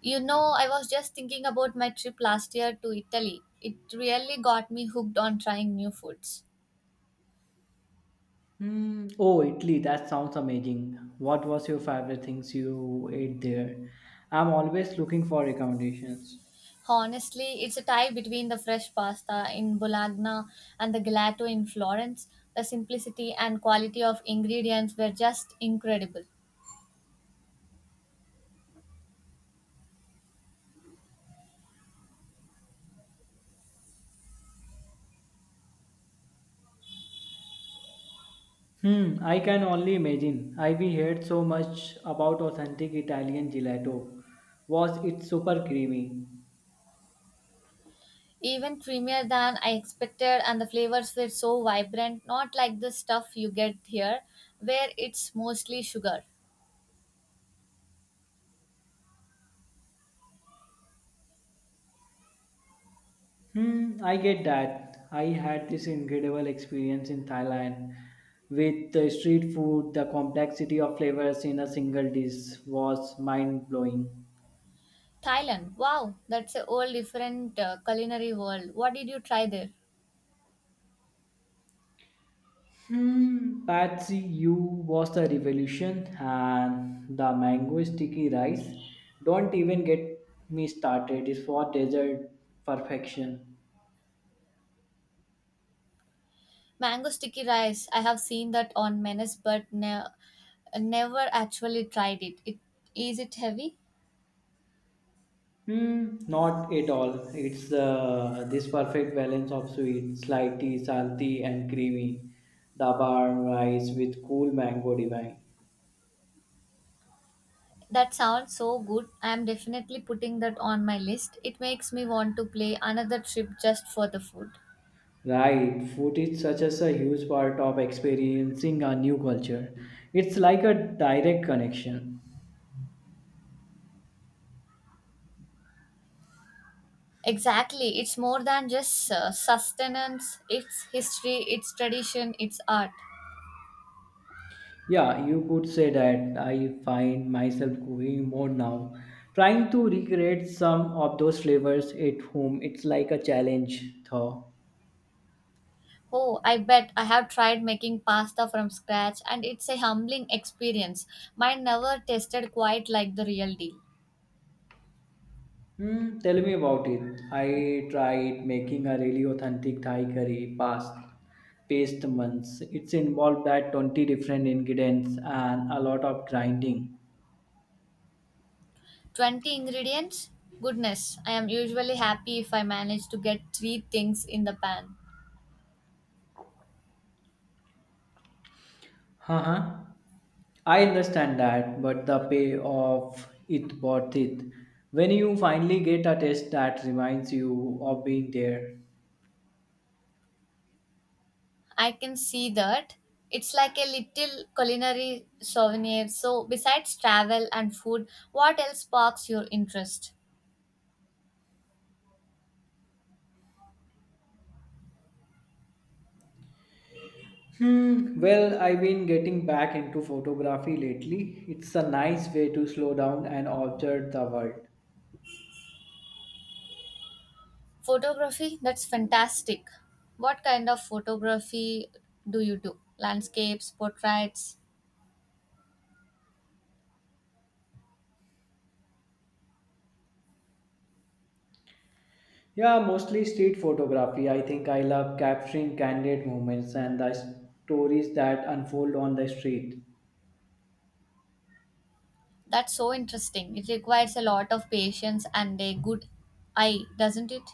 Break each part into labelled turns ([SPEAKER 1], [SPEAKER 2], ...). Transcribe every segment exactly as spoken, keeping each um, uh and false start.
[SPEAKER 1] You know, I was just thinking about my trip last year to Italy. It really got me hooked on trying new foods.
[SPEAKER 2] Mm, oh, Italy, that sounds amazing. What was your favorite things you ate there? I'm always looking for recommendations.
[SPEAKER 1] Honestly, it's a tie between the fresh pasta in Bologna and the gelato in Florence. The simplicity and quality of ingredients were just incredible.
[SPEAKER 2] Hmm, I can only imagine. I've heard so much about authentic Italian gelato. Was it super creamy?
[SPEAKER 1] Even creamier than I expected, and the flavors were so vibrant, not like the stuff you get here, where it's mostly sugar.
[SPEAKER 2] Hmm, I get that. I had this incredible experience in Thailand with the street food. The complexity of flavors in a single dish was mind blowing.
[SPEAKER 1] Thailand, wow, that's a whole different uh, culinary world. What did you try there?
[SPEAKER 2] Hmm, Patsy, you was the revolution and the mango sticky rice. Don't even get me started. It's for dessert perfection.
[SPEAKER 1] Mango sticky rice. I have seen that on menus, but ne- never actually tried it. It is it heavy?
[SPEAKER 2] Hmm, not at all. It's uh, this perfect balance of sweet, slighty, salty, and creamy. The barn rice with cool mango divine.
[SPEAKER 1] That sounds so good. I am definitely putting that on my list. It makes me want to play another trip just for the food.
[SPEAKER 2] Right, food is such as a huge part of experiencing a new culture. It's like a direct connection.
[SPEAKER 1] Exactly. It's more than just uh, sustenance. It's history. It's tradition. It's art.
[SPEAKER 2] Yeah, you could say that I find myself cooking more now, trying to recreate some of those flavors at home. It's like a challenge, though.
[SPEAKER 1] Oh, I bet I have tried making pasta from scratch, and it's a humbling experience. Mine never tasted quite like the real deal.
[SPEAKER 2] Hmm, tell me about it. I tried making a really authentic Thai curry past paste months. It's involved that twenty different ingredients and a lot of grinding.
[SPEAKER 1] twenty ingredients? Goodness, I am usually happy if I manage to get three things in the pan.
[SPEAKER 2] Uh-huh. I understand that, but the payoff it worth it. When you finally get a test that reminds you of being there.
[SPEAKER 1] I can see that. It's like a little culinary souvenir. So, besides travel and food, what else sparks your interest?
[SPEAKER 2] Hmm. Well, I've been getting back into photography lately. It's a nice way to slow down and observe the world.
[SPEAKER 1] Photography? That's fantastic. What kind of photography do you do? Landscapes, portraits?
[SPEAKER 2] Yeah, mostly street photography. I think I love capturing candid moments and the stories that unfold on the street.
[SPEAKER 1] That's so interesting. It requires a lot of patience and a good eye, doesn't it?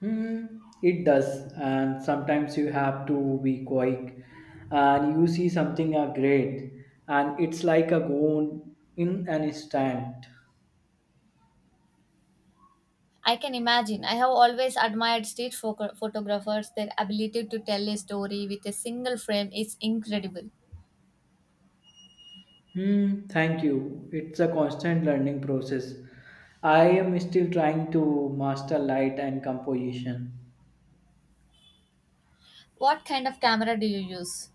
[SPEAKER 2] Hmm, it does, and sometimes you have to be quick, and you see something uh, great, and it's like a gone in an instant.
[SPEAKER 1] I can imagine. I have always admired street photo- photographers. Their ability to tell a story with a single frame is incredible.
[SPEAKER 2] Hmm, thank you. It's a constant learning process. I am still trying to master light and composition.
[SPEAKER 1] What kind of camera do you use?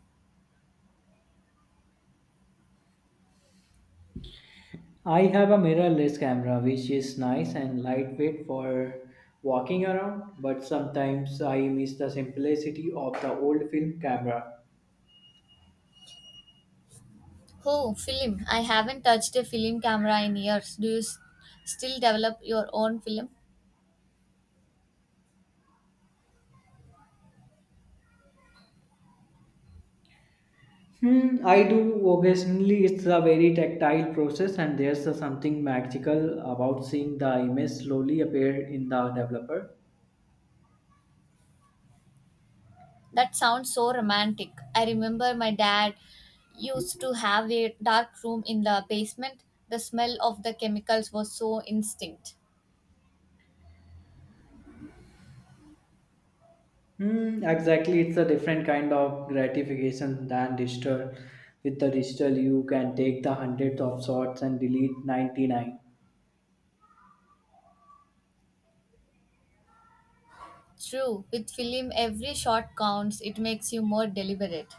[SPEAKER 2] I have a mirrorless camera which is nice and lightweight for walking around, but sometimes I miss the simplicity of the old film camera.
[SPEAKER 1] Oh, film. I haven't touched a film camera in years. Do you s- still develop your own film?
[SPEAKER 2] Hmm, I do occasionally. It's a very tactile process, and there's a something magical about seeing the image slowly appear in the developer.
[SPEAKER 1] That sounds so romantic. I remember my dad used to have a dark room in the basement. The smell of the chemicals was so instinct.
[SPEAKER 2] Hmm, exactly, it's a different kind of gratification than digital. With the digital, you can take the hundreds of shots and delete ninety-nine.
[SPEAKER 1] True, with film every shot counts. It makes you more deliberate.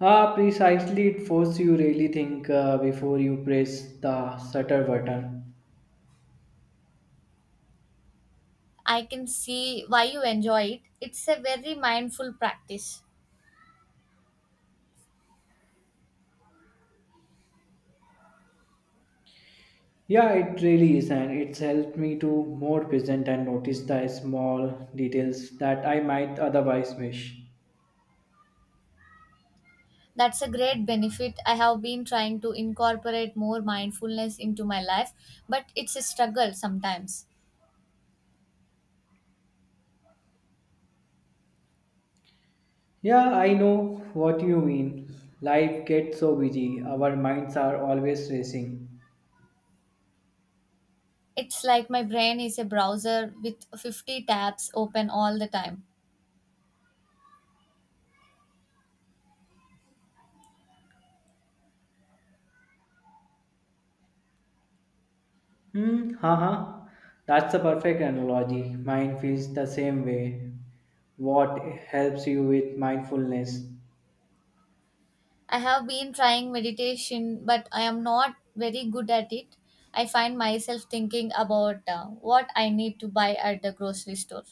[SPEAKER 2] Ah, precisely, it forces you really think uh, before you press the shutter button.
[SPEAKER 1] I can see why you enjoy it. It's a very mindful practice.
[SPEAKER 2] Yeah, it really is, and it's helped me to more present and notice the small details that I might otherwise miss.
[SPEAKER 1] That's a great benefit. I have been trying to incorporate more mindfulness into my life, but it's a struggle sometimes.
[SPEAKER 2] Yeah, I know what you mean. Life gets so busy, our minds are always racing.
[SPEAKER 1] It's like my brain is a browser with fifty tabs open all the time.
[SPEAKER 2] Hmm, haha. That's a perfect analogy. Mine feels the same way. What helps you with mindfulness?
[SPEAKER 1] I have been trying meditation, but I am not very good at it. I find myself thinking about uh, what I need to buy at the grocery store.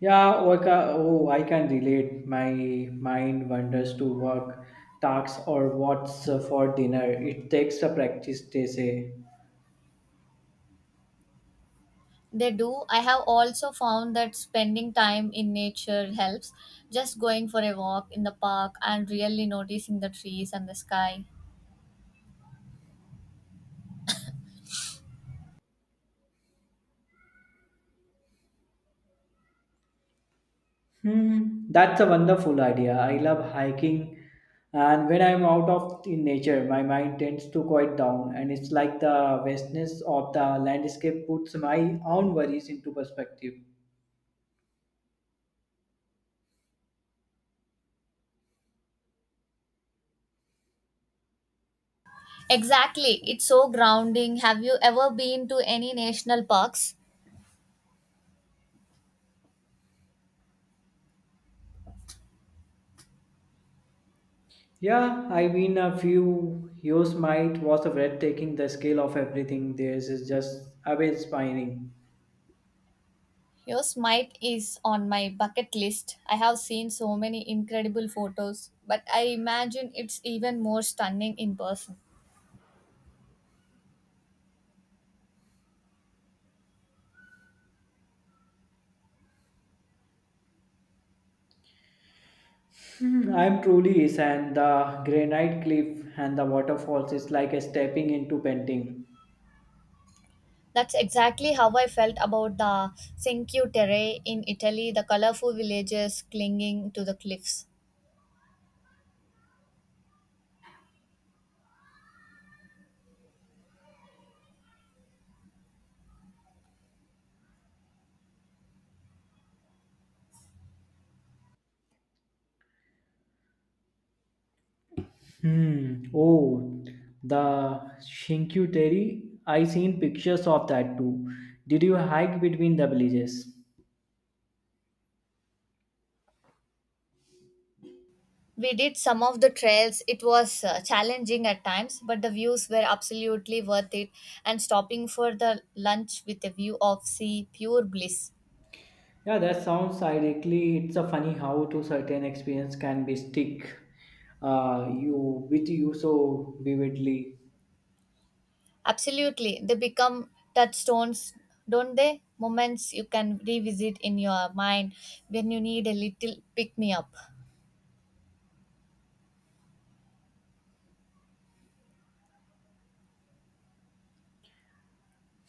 [SPEAKER 2] Yeah, oh, I ca- oh, I can relate. My mind wanders to work tasks or what's uh, for dinner. It takes a practice, they say.
[SPEAKER 1] They do. I have also found that spending time in nature helps. Just going for a walk in the park and really noticing the trees and the sky.
[SPEAKER 2] Hmm, that's a wonderful idea. I love hiking, and when I'm out of in nature, my mind tends to quiet down, and it's like the vastness of the landscape puts my own worries into perspective.
[SPEAKER 1] Exactly. It's so grounding. Have you ever been to any national parks?
[SPEAKER 2] Yeah, I mean, a few years might was a breathtaking. The scale of everything there is just awe-inspiring.
[SPEAKER 1] Yours might is on my bucket list. I have seen so many incredible photos, but I imagine it's even more stunning in person.
[SPEAKER 2] I'm truly is, and the granite cliff and the waterfalls is like a stepping into painting.
[SPEAKER 1] That's exactly how I felt about the Cinque Terre in Italy, the colorful villages clinging to the cliffs.
[SPEAKER 2] Hmm. Oh, the Shinkyu Terry. I seen pictures of that too. Did you hike between the villages?
[SPEAKER 1] We did some of the trails. It was uh, challenging at times, but the views were absolutely worth it. And stopping for the lunch with a view of sea, pure bliss.
[SPEAKER 2] Yeah, that sounds idyllic. It's a funny how to certain experience can be stick uh, you with you so vividly.
[SPEAKER 1] Absolutely. They become touchstones, don't they? Moments you can revisit in your mind when you need a little pick me up.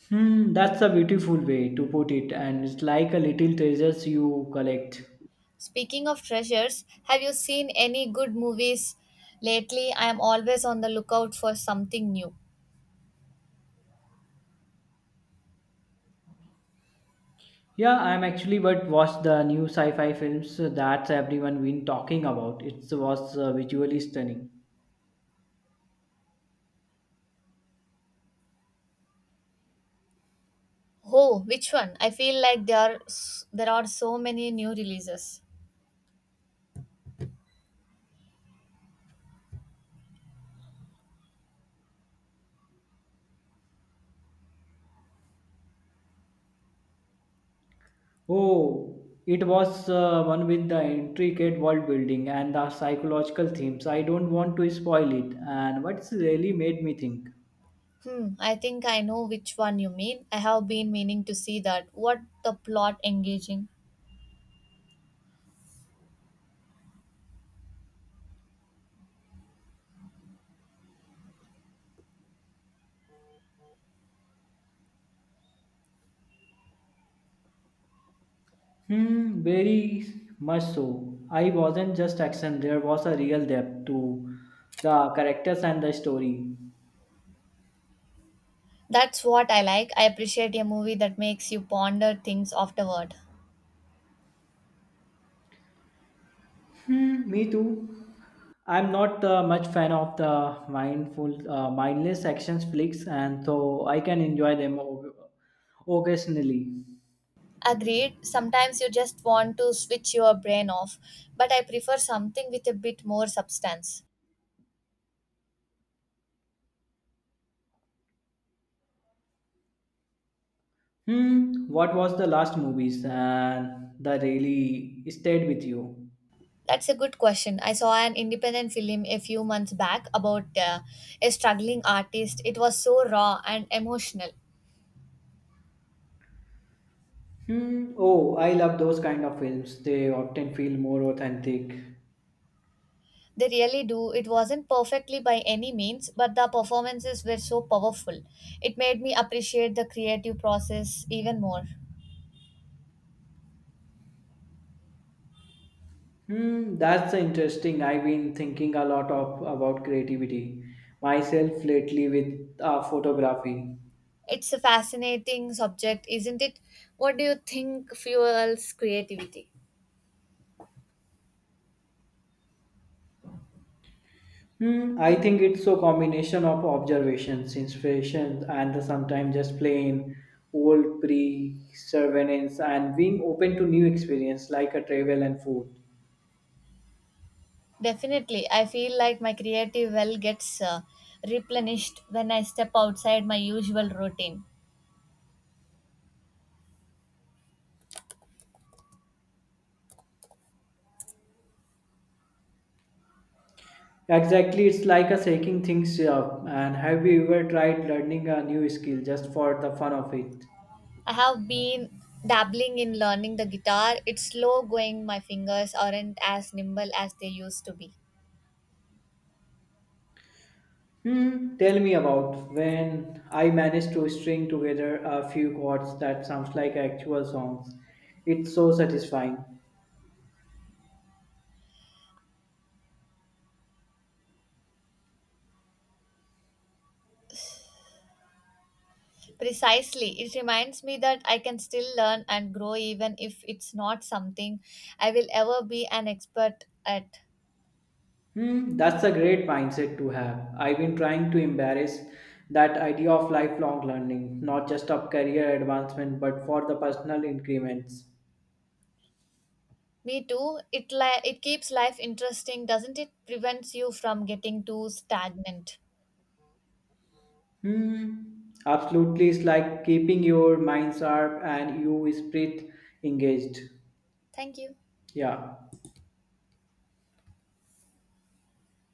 [SPEAKER 2] Hmm, that's a beautiful way to put it, and it's like a little treasures you collect.
[SPEAKER 1] Speaking of treasures, have you seen any good movies lately? I am always on the lookout for something new.
[SPEAKER 2] Yeah, I'm actually but watched the new sci-fi films that everyone been talking about. It was uh, visually stunning.
[SPEAKER 1] Oh, which one? I feel like there are s- there are so many new releases.
[SPEAKER 2] Oh, it was uh, one with the intricate world building and the psychological themes. I don't want to spoil it. And what's really made me think?
[SPEAKER 1] Hmm, I think I know which one you mean. I have been meaning to see that. What the plot engaging?
[SPEAKER 2] Hmm, very much so. I wasn't just action. There was a real depth to the characters and the story.
[SPEAKER 1] That's what I like. I appreciate a movie that makes you ponder things afterward.
[SPEAKER 2] Hmm, me too. I'm not uh, much fan of the mindful, uh, mindless actions flicks, and so I can enjoy them o- occasionally.
[SPEAKER 1] Agreed. Sometimes you just want to switch your brain off, but I prefer something with a bit more substance.
[SPEAKER 2] Hmm, what was the last movies and that really stayed with you?
[SPEAKER 1] That's a good question. I saw an independent film a few months back about uh, a struggling artist. It was so raw and emotional.
[SPEAKER 2] Hmm, oh, I love those kind of films. They often feel more authentic.
[SPEAKER 1] They really do. It wasn't perfectly by any means, but the performances were so powerful. It made me appreciate the creative process even more.
[SPEAKER 2] Hmm, that's interesting. I've been thinking a lot of about creativity myself lately with uh, photography.
[SPEAKER 1] It's a fascinating subject, isn't it? What do you think fuels creativity?
[SPEAKER 2] Hmm, I think it's a combination of observations, inspirations, and sometimes just plain old perseverance. And being open to new experience like a travel and food.
[SPEAKER 1] Definitely. I feel like my creative well gets uh, replenished when I step outside my usual routine.
[SPEAKER 2] Exactly, it's like a shaking things up. And have you ever tried learning a new skill just for the fun of it?
[SPEAKER 1] I have been dabbling in learning the guitar. It's slow going, my fingers aren't as nimble as they used to be.
[SPEAKER 2] Hmm, tell me about when I managed to string together a few chords that sounds like actual songs. It's so satisfying.
[SPEAKER 1] Precisely. It reminds me that I can still learn and grow even if it's not something I will ever be an expert at.
[SPEAKER 2] Hmm, that's a great mindset to have. I've been trying to embrace that idea of lifelong learning, not just of career advancement, but for the personal increments.
[SPEAKER 1] Me too. It li- it keeps life interesting, doesn't it? Prevents you from getting too stagnant.
[SPEAKER 2] Hmm, absolutely. It's like keeping your mind sharp and your spirit engaged.
[SPEAKER 1] Thank you.
[SPEAKER 2] Yeah.